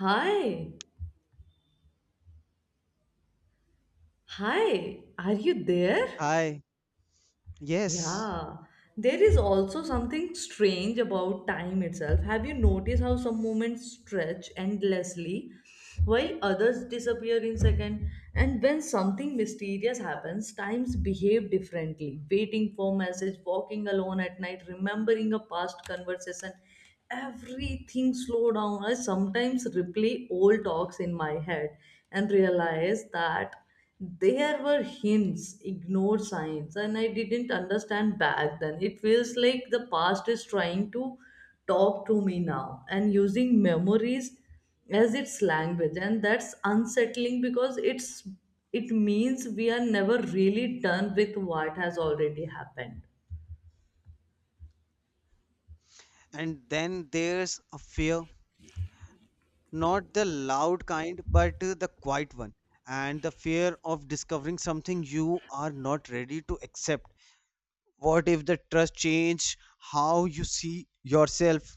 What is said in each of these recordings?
Hi, hi, are you there? Hi. Yes. Yeah, there is also something strange about time itself. Have you noticed how some moments stretch endlessly while others disappear in second? And when something mysterious happens, times behave differently. Waiting for message, walking alone at night, remembering a past conversation, everything slow down. I sometimes replay old talks in my head and realize that there were hints, ignored signs, and I didn't understand back then. It feels like the past is trying to talk to me now and using memories as its language, and that's unsettling because it means we are never really done with what has already happened. And then there's a fear, not the loud kind, but the quiet one. And the fear of discovering something you are not ready to accept. What if the trust change how you see yourself?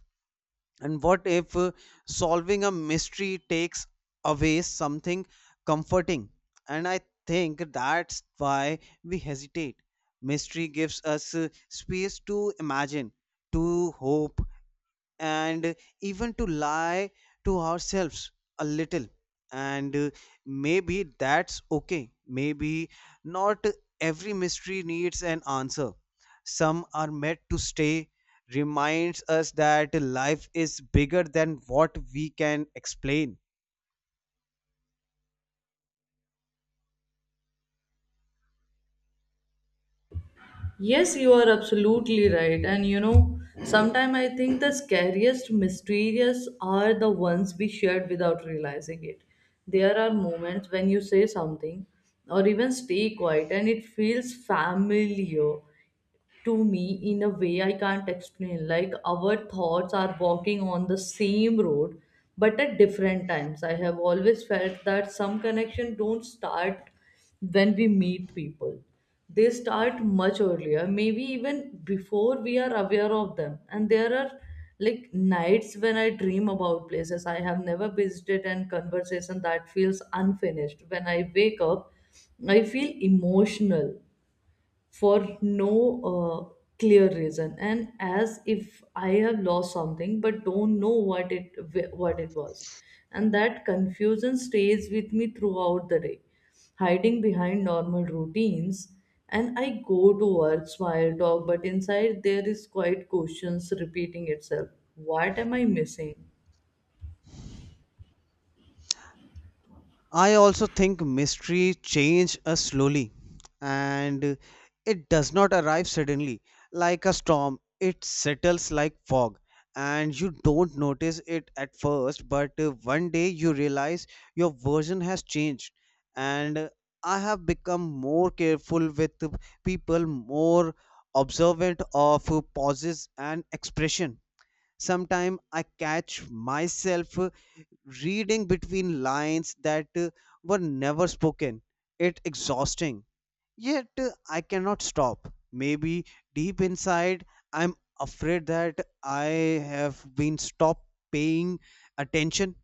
And what if solving a mystery takes away something comforting? And I think that's why we hesitate. Mystery gives us space to imagine, to hope, and even to lie to ourselves a little. And maybe that's okay. Maybe not every mystery needs an answer. Some are meant to stay, reminds us that life is bigger than what we can explain. Yes, you are absolutely right. And you know, sometimes I think the scariest, mysterious are the ones we shared without realizing it. There are moments when you say something or even stay quiet and it feels familiar, to me in a way I can't explain. Like our thoughts are walking on the same road, but at different times. I have always felt that some connection don't start when we meet people. They start much earlier, maybe even before we are aware of them. And there are like nights when I dream about places I have never visited and conversation that feels unfinished. When I wake up, I feel emotional for no clear reason and as if I have lost something but don't know what it was. And that confusion stays with me throughout the day, hiding behind normal routines, and I go to work, smile, talk, but inside there is quite questions repeating itself. What am I missing? I also think mystery change us slowly, and it does not arrive suddenly. Like a storm, it settles like fog, and you don't notice it at first. But one day you realize your version has changed. And I have become more careful with people, more observant of pauses and expression. Sometimes I catch myself reading between lines that were never spoken. It exhausting. Yet I cannot stop. Maybe deep inside I'm afraid that I have been stopped paying attention,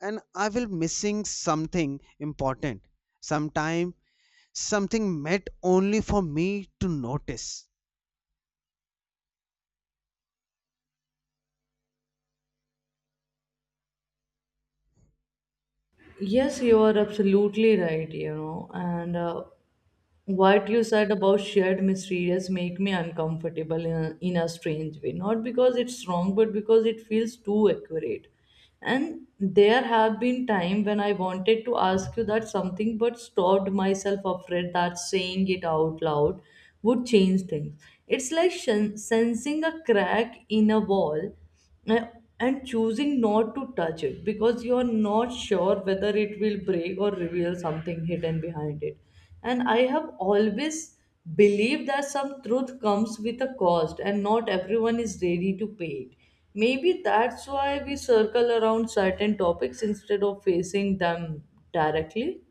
and I will missing something important. Sometime something meant only for me to notice. Yes, you are absolutely right. You know, and what you said about shared mysterious make me uncomfortable in a strange way, not because it's wrong, but because it feels too accurate. And there have been time when I wanted to ask you that something but stopped myself, afraid that saying it out loud would change things. It's like sensing a crack in a wall, uh, and choosing not to touch it because you're not sure whether it will break or reveal something hidden behind it. And I have always believed that some truth comes with a cost and not everyone is ready to pay it. Maybe that's why we circle around certain topics instead of facing them directly.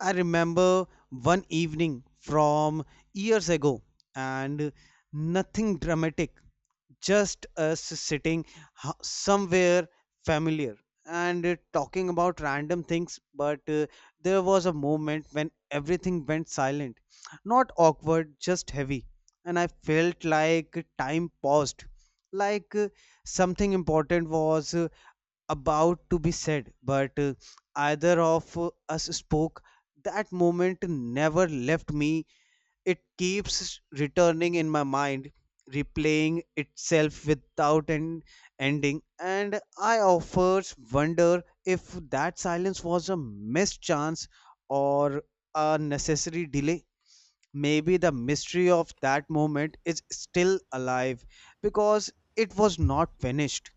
I remember one evening from years ago, and nothing dramatic, just us sitting somewhere familiar and talking about random things. But there was a moment when everything went silent, not awkward, just heavy, and I felt like time paused, like something important was about to be said, but either of us spoke. That moment never left me. It keeps returning in my mind, replaying itself without an ending, and I offers wonder if that silence was a missed chance or a necessary delay. Maybe the mystery of that moment is still alive because it was not finished.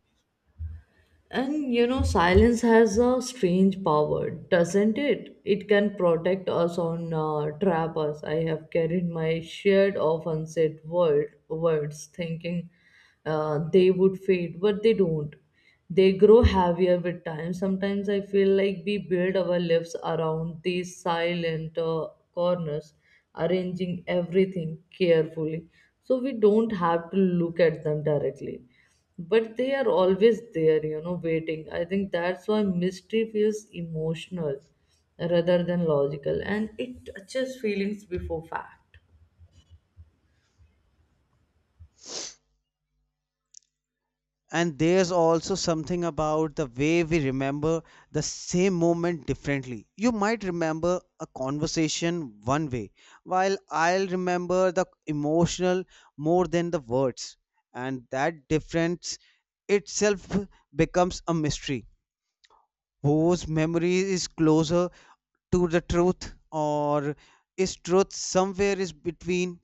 And you know, silence has a strange power, doesn't it? It can protect us on trap us. I have carried my shared of unsaid words, thinking they would fade, but they don't. They grow heavier with time. Sometimes I feel like we build our lives around these silent corners, arranging everything carefully, so we don't have to look at them directly, but they are always there, you know, waiting. I think that's why mystery feels emotional rather than logical, and it touches feelings before fact. And there's also something about the way we remember the same moment differently. You might remember a conversation one way, while I'll remember the emotional more than the words. And that difference itself becomes a mystery. Whose memory is closer to the truth, or is truth somewhere is between?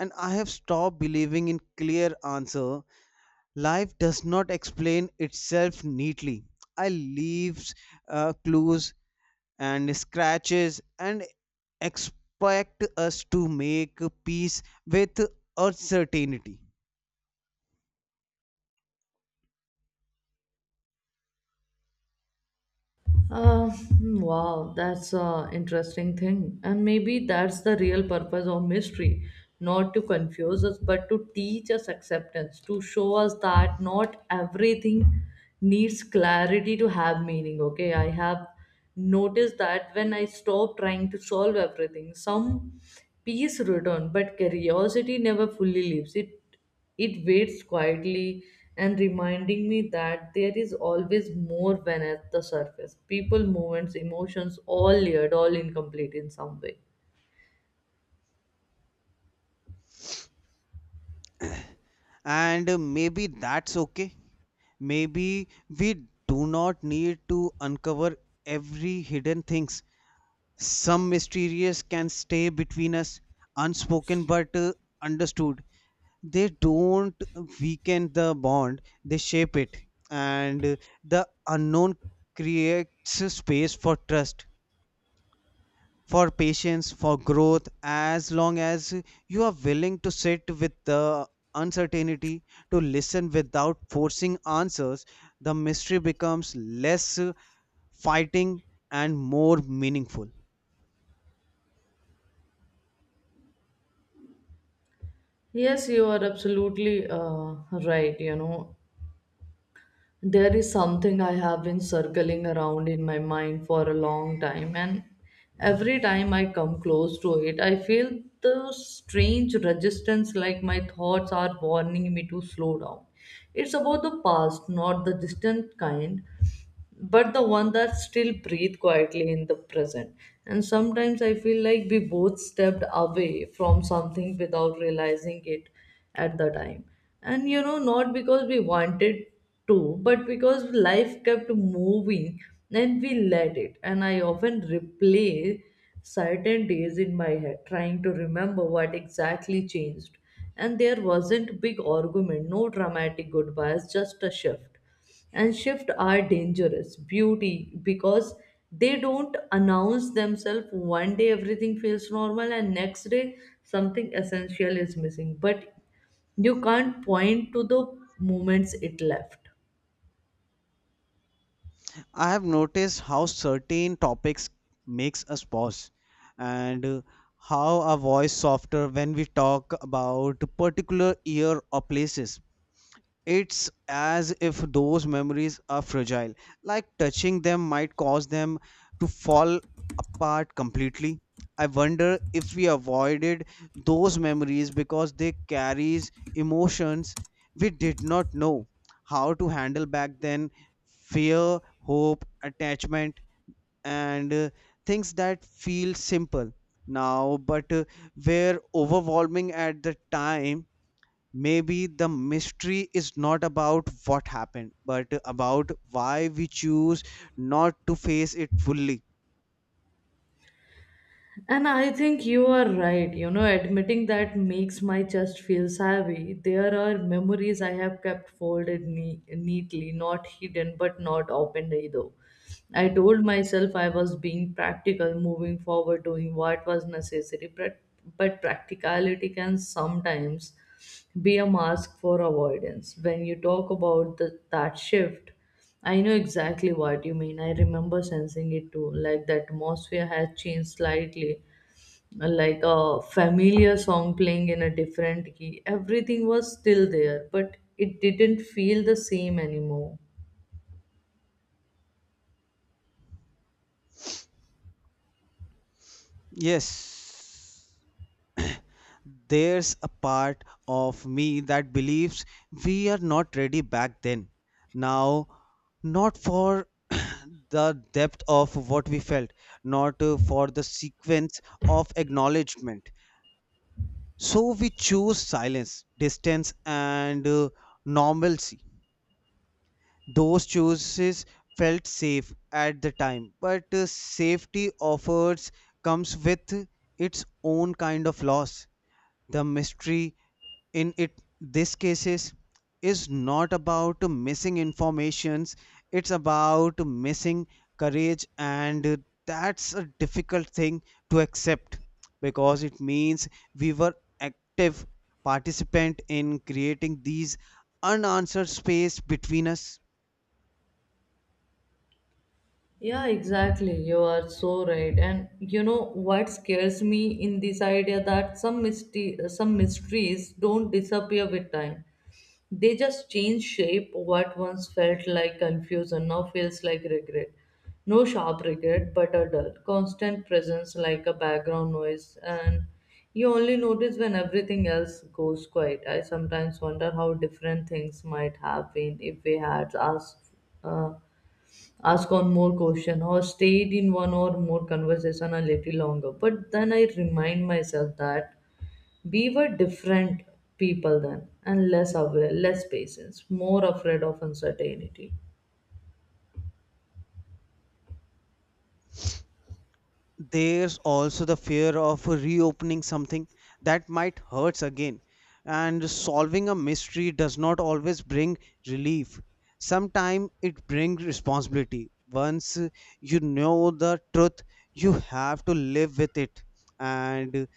And I have stopped believing in clear answer. Life does not explain itself neatly. I leaves clues and scratches, and expect us to make peace with uncertainty. Hmm, wow, that's a interesting thing. And maybe that's the real purpose of mystery, not to confuse us, but to teach us acceptance, to show us that not everything needs clarity to have meaning. Okay, I have noticed that when I stop trying to solve everything, some peace return, but curiosity never fully leaves it. It waits quietly and reminding me that there is always more beneath the surface. People, movements, emotions, all layered, all incomplete in some way. And maybe that's okay. Maybe we do not need to uncover every hidden things. Some mysterious can stay between us, unspoken but understood. They don't weaken the bond, they shape it. And the unknown creates space for trust, for patience, for growth. As long as you are willing to sit with the uncertainty, to listen without forcing answers, the mystery becomes less fighting and more meaningful. Yes, you are absolutely right, you know. There is something I have been circling around in my mind for a long time, and every time I come close to it, I feel the strange resistance like my thoughts are warning me to slow down. It's about the past, not the distant kind, but the one that still breathe quietly in the present. And sometimes I feel like we both stepped away from something without realizing it at the time. And you know, not because we wanted to, but because life kept moving and we let it. And I often replay certain days in my head, trying to remember what exactly changed, and there wasn't big argument, no dramatic goodbyes, just a shift. And shift are dangerous beauty because they don't announce themselves. One day everything feels normal, and next day something essential is missing, but you can't point to the moments it left. I have noticed how certain topics makes us pause and how our voice softer when we talk about particular year or places. It's as if those memories are fragile, like touching them might cause them to fall apart completely. I wonder if we avoided those memories because they carries emotions we did not know how to handle back then, fear, hope, attachment, and things that feel simple now, but were overwhelming at the time. Maybe the mystery is not about what happened, but about why we choose not to face it fully. And I think you are right. You know, admitting that makes my chest feel savvy. There are memories I have kept folded neatly, not hidden, but not opened either. I told myself I was being practical, moving forward, doing what was necessary, but practicality can sometimes be a mask for avoidance. When you talk about that shift, I know exactly what you mean. I remember sensing it too, like the atmosphere has changed slightly, like a familiar song playing in a different key. Everything was still there, but it didn't feel the same anymore. Yes, there's a part of me that believes we are not ready back then. Now, not for the depth of what we felt, not for the sequence of acknowledgement. So we choose silence, distance, and normalcy. Those choices felt safe at the time, but safety offers comes with its own kind of loss. The mystery in it this cases is not about missing informations, it's about missing courage, and that's a difficult thing to accept because it means we were active participant in creating these unanswered space between us. Yeah, exactly. You are so right. And you know what scares me in this idea that some mystery, some mysteries don't disappear with time. They just change shape. What once felt like confusion now feels like regret. No sharp regret, but a dull, constant presence like a background noise. And you only notice when everything else goes quiet. I sometimes wonder how different things might have been if we had asked. Uh, Ask on more question or stayed in one or more conversation a little longer. But then I remind myself that we were different people then, and less aware, less patience, more afraid of uncertainty. There's also the fear of reopening something that might hurts again, and solving a mystery does not always bring relief. Sometimes it brings responsibility. Once you know the truth, you have to live with it. And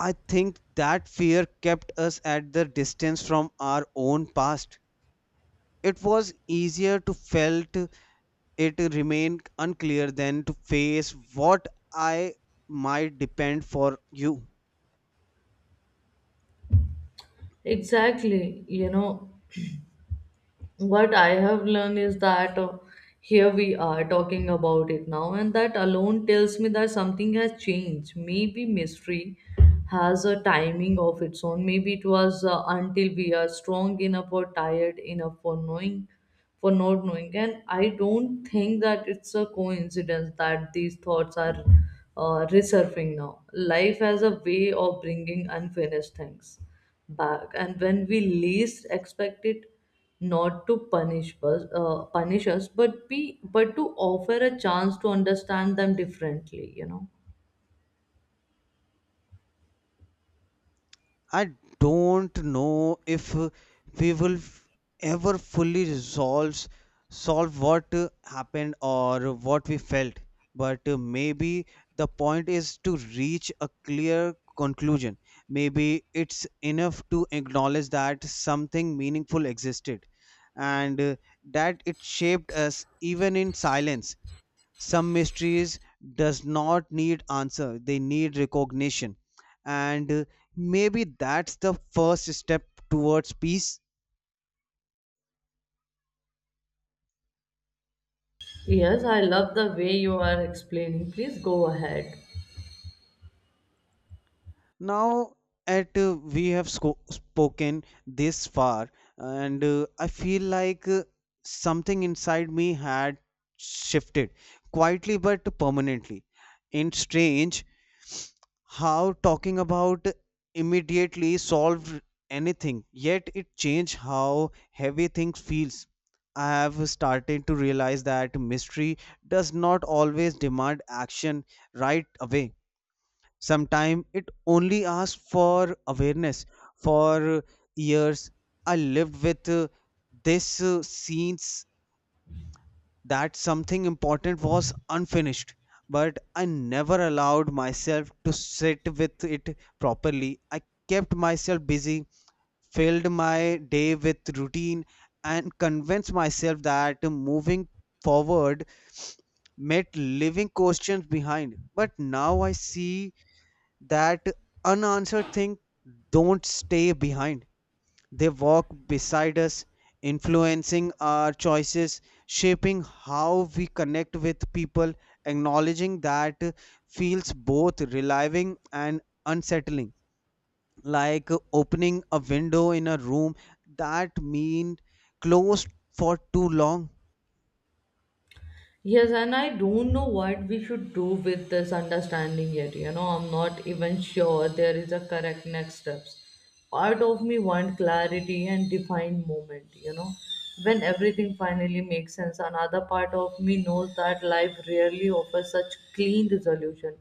I think that fear kept us at the distance from our own past. It was easier to felt it remained unclear then to face what I might depend for you. Exactly. You know, what I have learned is that here we are talking about it now, and that alone tells me that something has changed. Maybe mystery has a timing of its own. Maybe it was until we are strong enough or tired enough for knowing for not knowing. And I don't think that it's a coincidence that these thoughts are resurfacing now. Life has a way of bringing unfinished things back, and when we least expect it, not to punish us, but to offer a chance to understand them differently. You know. I don't know if we will ever fully resolve solve what happened or what we felt, but maybe the point is to reach a clear conclusion. Maybe it's enough to acknowledge that something meaningful existed, and that it shaped us even in silence. Some mysteries does not need answer, they need recognition. And maybe that's the first step towards peace. Yes, I love the way you are explaining. Please go ahead. Now at we have spoken this far, and I feel like something inside me had shifted quietly but permanently. In strange how talking about immediately solved anything, yet it changed how heavy things feels. I have started to realize that mystery does not always demand action right away. Sometimes it only asks for awareness. For years, I lived with this scenes that something important was unfinished, but I never allowed myself to sit with it properly. I kept myself busy, filled my day with routine, and convinced myself that moving forward meant leaving questions behind. But now I see that unanswered things don't stay behind, they walk beside us, influencing our choices, shaping how we connect with people, acknowledging that feels both relieving and unsettling, like opening a window in a room that mean closed for too long. Yes, and I don't know what we should do with this understanding yet. You know, I'm not even sure there is a correct next steps. Part of me want clarity and defined moment, you know, when everything finally makes sense. Another part of me knows that life rarely offers such clean resolution.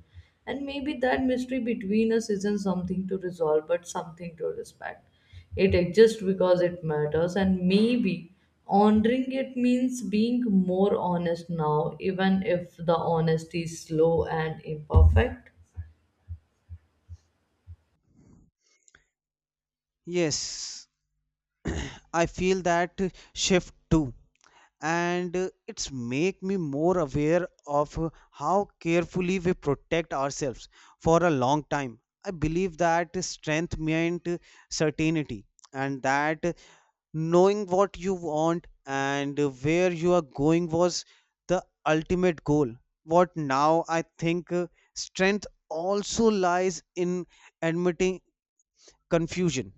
And maybe that mystery between us isn't something to resolve, but something to respect. It exists because it matters, and maybe honoring it means being more honest now, even if the honesty is slow and imperfect. Yes, I feel that shift too. And it's make me more aware of how carefully we protect ourselves. For a long time I believe that strength meant certainty, and that knowing what you want and where you are going was the ultimate goal. What now I think strength also lies in admitting confusion,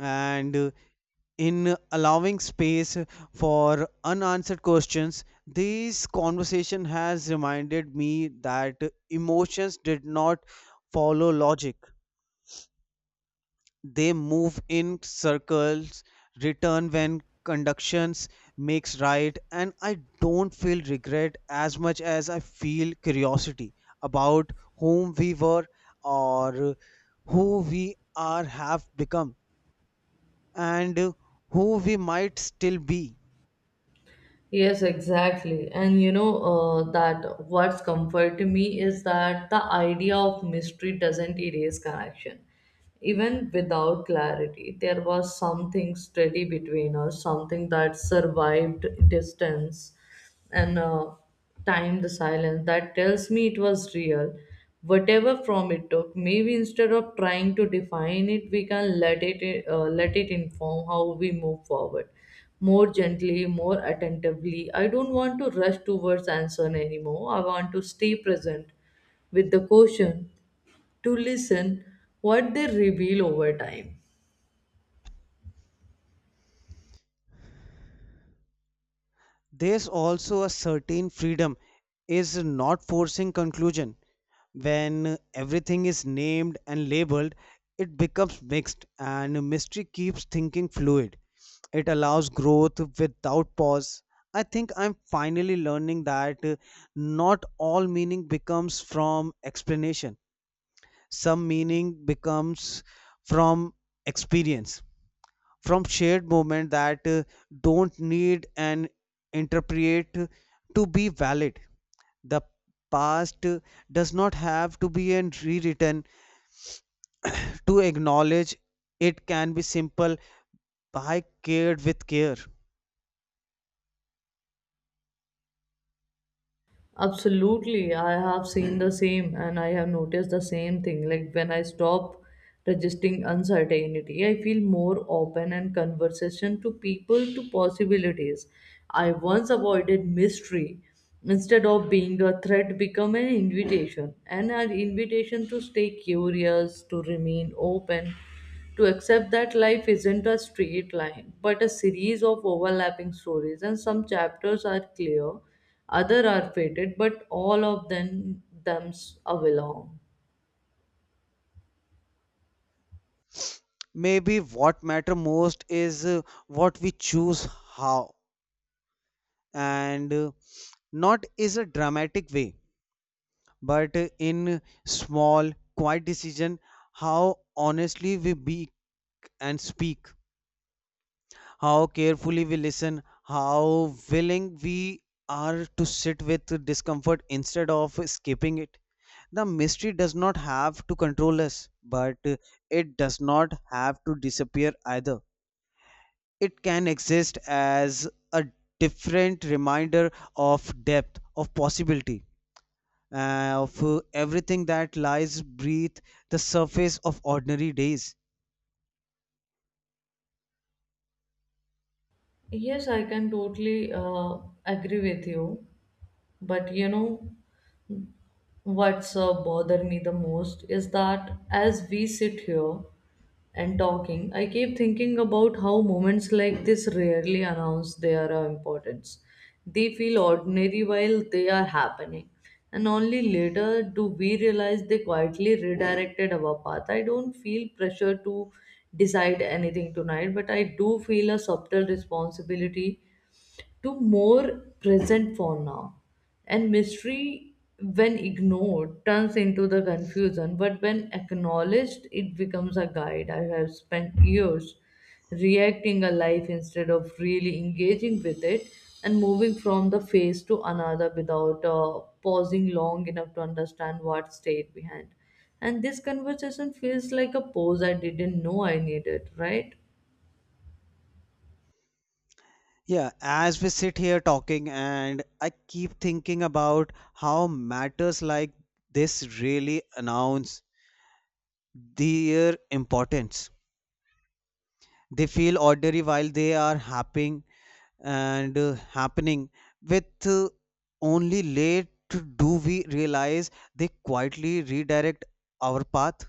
and in allowing space for unanswered questions. This conversation has reminded me that emotions did not follow logic, they move in circles, return when conductions makes right. And I don't feel regret as much as I feel curiosity about whom we were, or who we are have become, and who we might still be. Yes, exactly. And you know, that what's comfort me is that the idea of mystery doesn't erase connection. Even without clarity, there was something steady between us, something that survived distance and time, the silence that tells me it was real, whatever form it took. Maybe instead of trying to define it, we can let it inform how we move forward more gently, more attentively. I don't want to rush towards answer anymore. I want to stay present with the question, to listen what they reveal over time. There's also a certain freedom is not forcing conclusion. When everything is named and labeled, it becomes mixed and mystery keeps thinking fluid. It allows growth without pause. I think I'm finally learning that not all meaning becomes from explanation. Some meaning becomes from experience, from shared moment that don't need an interpret to be valid. The past does not have to be an rewritten to acknowledge, it can be simple by cared with care. Absolutely, I have seen the same and I have noticed the same thing. Like when I stop resisting uncertainty, I feel more open and conversation to people to possibilities. I once avoided mystery, instead of being a threat become an invitation, and an invitation to stay curious, to remain open, to accept that life isn't a straight line, but a series of overlapping stories, and some chapters are clear, other are faded, but all of them thems are belong. Maybe what matter most is what we choose, how, and not is a dramatic way, but in small quiet decision. How honestly we be and speak, how carefully we listen, how willing we are to sit with discomfort instead of escaping it. The mystery does not have to control us, but it does not have to disappear either. It can exist as a different reminder of depth, of possibility, of everything that lies beneath the surface of ordinary days. Yes, I can totally agree with you. But you know what's bother me the most is that as we sit here and talking, I keep thinking about how moments like this rarely announce their importance. They feel ordinary while they are happening, and only later do we realize they quietly redirected our path. I don't feel pressure to decide anything tonight, but I do feel a subtle responsibility to more present for now. And mystery, when ignored, turns into the confusion, but when acknowledged, it becomes a guide. I have spent years reacting a life instead of really engaging with it, and moving from the phase to another without pausing long enough to understand what stayed behind. And this conversation feels like a pause I didn't know I needed, right? Yeah, as we sit here talking, and I keep thinking about how matters like this really announce their importance. They feel ordinary while they are happening and happening, with only late do we realize they quietly redirect our path.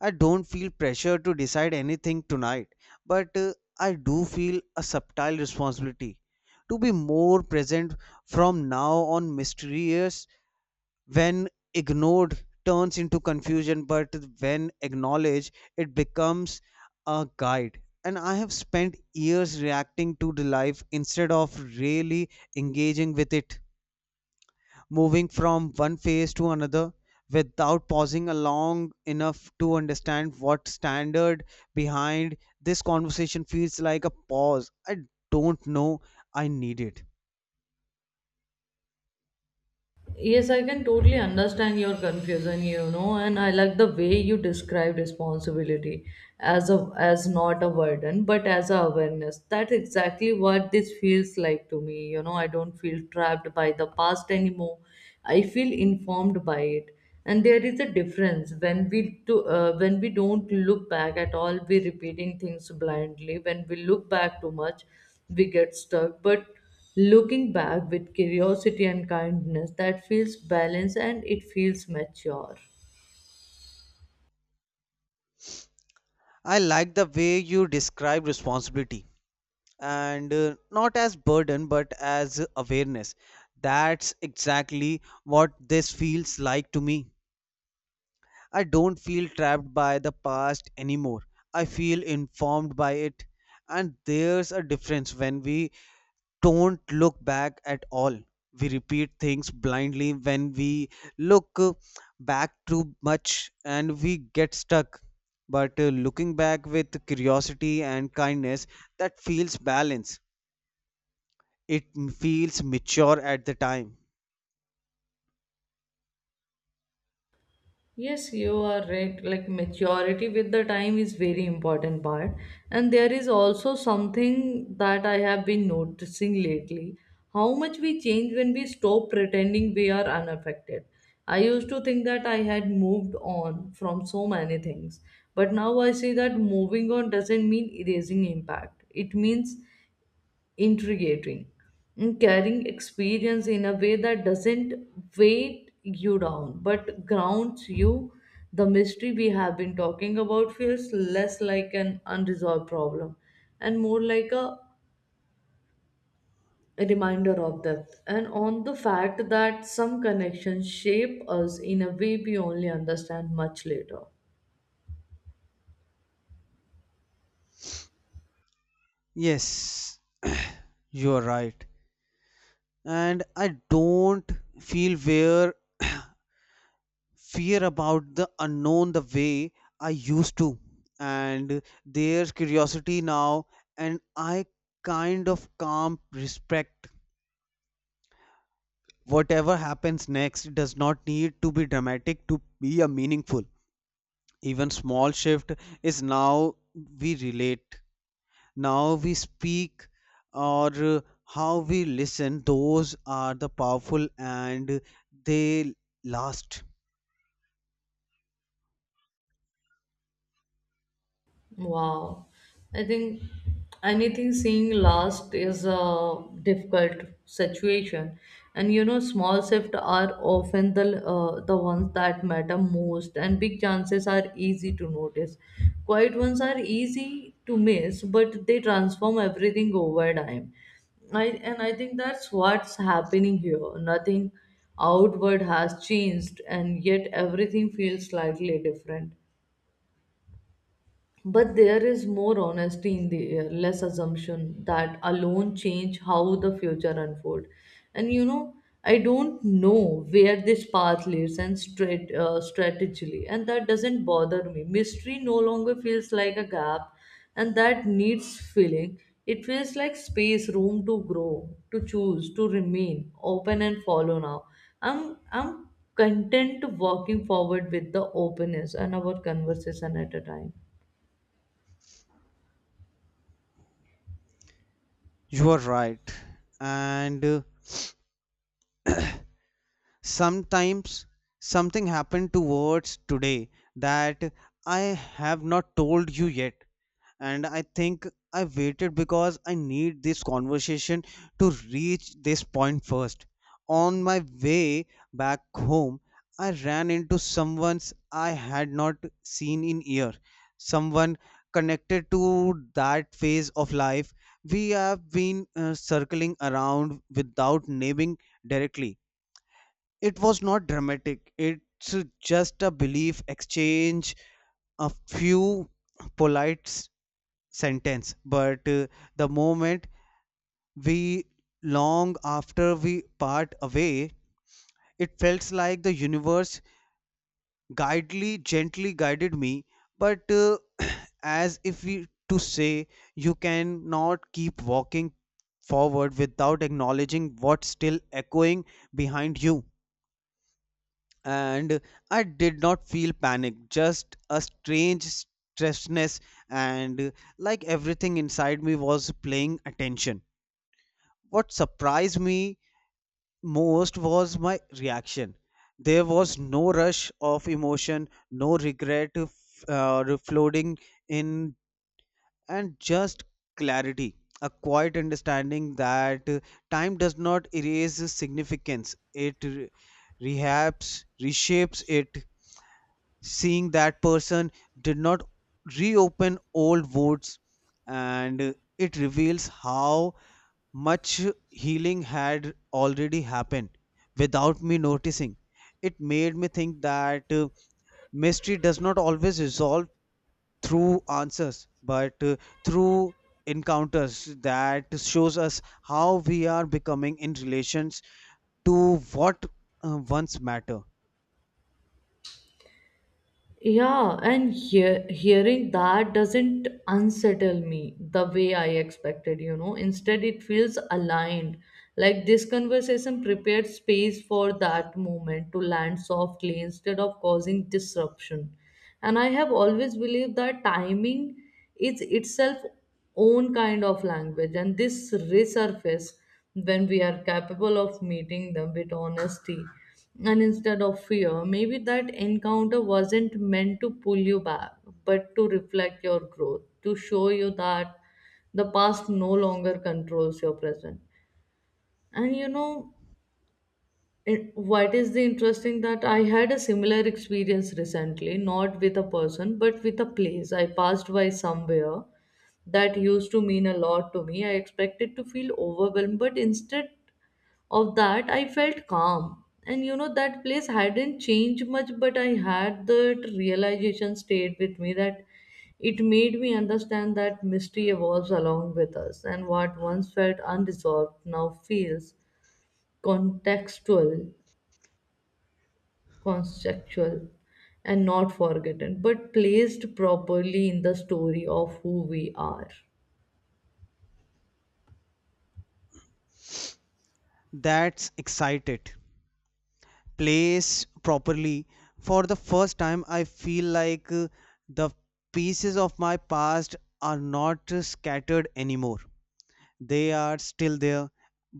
I don't feel pressure to decide anything tonight, but I do feel a subtle responsibility to be more present from now on. Mysterious when ignored turns into confusion, but when acknowledged, it becomes a guide. And I have spent years reacting to the life instead of really engaging with it, moving from one phase to another without pausing long enough to understand what standard behind. This conversation feels like a pause I don't know I need it. Yes, I can totally understand your confusion, you know, and I like the way you describe responsibility as not a burden, but as a awareness. That's exactly what this feels like to me. You know, I don't feel trapped by the past anymore. I feel informed by it, and there is a difference when we don't look back at all. We repeating things blindly. When we look back too much, we get stuck. But looking back with curiosity and kindness, that feels balanced and it feels mature. I like the way you describe responsibility, and not as burden but as awareness. That's exactly what this feels like to me. I don't feel trapped by the past anymore. I feel informed by it. And there's a difference when we don't look back at all. We repeat things blindly when we look back too much and we get stuck. But looking back with curiosity and kindness, that feels balanced. It feels mature at the time. Yes, you are right. Like maturity with the time is very important part. And there is also something that I have been noticing lately. How much we change when we stop pretending we are unaffected. I used to think that I had moved on from so many things. But now I see that moving on doesn't mean erasing impact. It means intriguing and carrying experience in a way that doesn't weight you down but grounds you. The mystery we have been talking about feels less like an unresolved problem and more like a reminder of that, and on the fact that some connections shape us in a way we only understand much later. Yes, you're right. And I don't feel where fear about the unknown the way I used to, and there's curiosity now, and I kind of calm respect. Whatever happens next does not need to be dramatic to be a meaningful. Even small shift is now we relate, now we speak, or how we listen. Those are the powerful, and they last. Wow. I think anything seeing last is a difficult situation. And you know, small shifts are often the ones that matter most, and big chances are easy to notice. Quiet ones are easy to miss, but they transform everything over time. I and I think that's what's happening here. Nothing outward has changed, and yet everything feels slightly different. But there is more honesty in the air, less assumption that alone change how the future unfold. And you know, I don't know where this path leads and straight strategically, and that doesn't bother me. Mystery no longer feels like a gap, and that needs filling. It feels like space, room to grow, to choose, to remain open and follow. Now, I'm content to walking forward with the openness and our conversation at a time. You are right, and sometimes something happened to words today that I have not told you yet. And I think I waited because I need this conversation to reach this point first. On my way back home, I ran into someone I had not seen in year. Someone connected to that phase of life we have been circling around without naming directly. It was not dramatic, it's just a belief exchange, a few polite sentence. But the moment we long after we part away, it felt like the universe guidely gently guided me. But as if we to say you cannot keep walking forward without acknowledging what's still echoing behind you. And I did not feel panic, just a strange stressness, and like everything inside me was playing attention. What surprised me most was my reaction. There was no rush of emotion, no regret floating in, and just clarity. A quiet understanding that time does not erase significance, it rehabs, reshapes it. Seeing that person did not reopen old wounds, and it reveals how much healing had already happened without me noticing. It made me think that mystery does not always resolve through answers, but through encounters that shows us how we are becoming in relations to what once matter. Yeah, and hearing that doesn't unsettle me the way I expected, you know. Instead, it feels aligned. Like this conversation prepared space for that moment to land softly instead of causing disruption. And I have always believed that timing is itself own kind of language, and this resurface when we are capable of meeting them with honesty and instead of fear. Maybe that encounter wasn't meant to pull you back, but to reflect your growth, to show you that the past no longer controls your present. And you know it, what is the interesting that I had a similar experience recently, not with a person, but with a place. I passed by somewhere that used to mean a lot to me. I expected to feel overwhelmed, but instead of that, I felt calm. And you know, that place hadn't changed much, but I had that realization stayed with me, that it made me understand that mystery evolves along with us, and what once felt unresolved now feels contextual, conceptual, and not forgotten, but placed properly in the story of who we are. That's excited place properly. For the first time I feel like the pieces of my past are not scattered anymore. They are still there,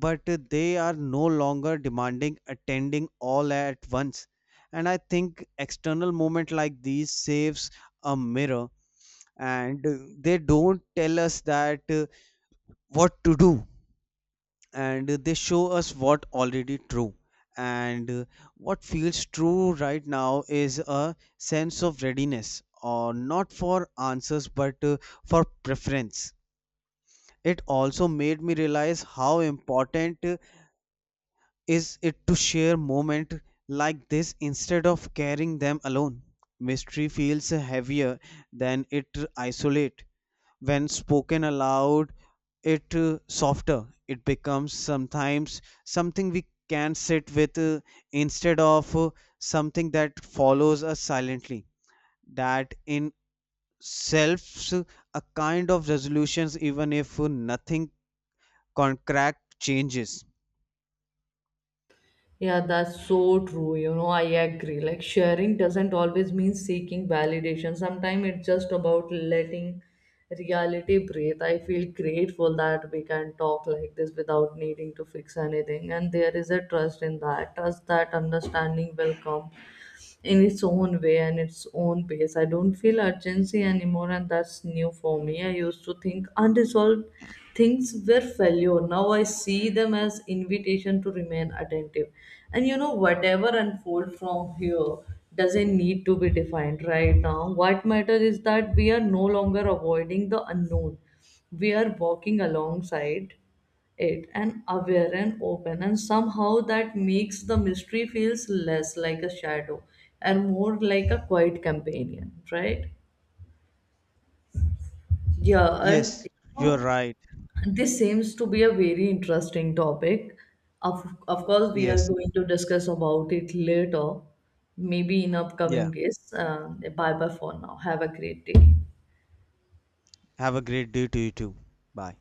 but they are no longer demanding attending all at once. And I think external moment like these saves a mirror, and they don't tell us that what to do, and they show us what already true. And what feels true right now is a sense of readiness or not for answers, but for preference. It also made me realize how important is it to share moment like this instead of carrying them alone. Mystery feels heavier than it isolate. When spoken aloud, it softer. It becomes sometimes something we can sit with instead of something that follows us silently, that in selves a kind of resolutions even if nothing concrete changes. Yeah, that's so true. You know, I agree. Like, sharing doesn't always mean seeking validation. Sometimes it's just about letting reality breathe. I feel grateful that we can talk like this without needing to fix anything. And there is a trust in that, trust that understanding will come in its own way and its own pace. I don't feel urgency anymore, and that's new for me. I used to think unresolved things were failure. Now I see them as invitation to remain attentive. And you know, whatever unfold from here doesn't need to be defined right now. What matters is that we are no longer avoiding the unknown. We are walking alongside it and aware and open, and somehow that makes the mystery feels less like a shadow and more like a quiet companion, right? Yeah, and Yes, you're right. this seems to be a very interesting topic. Of course we are Yes. going to discuss about it later, maybe in upcoming Yeah. days, bye bye for now. Have a great day. Have a great day to you too. Bye.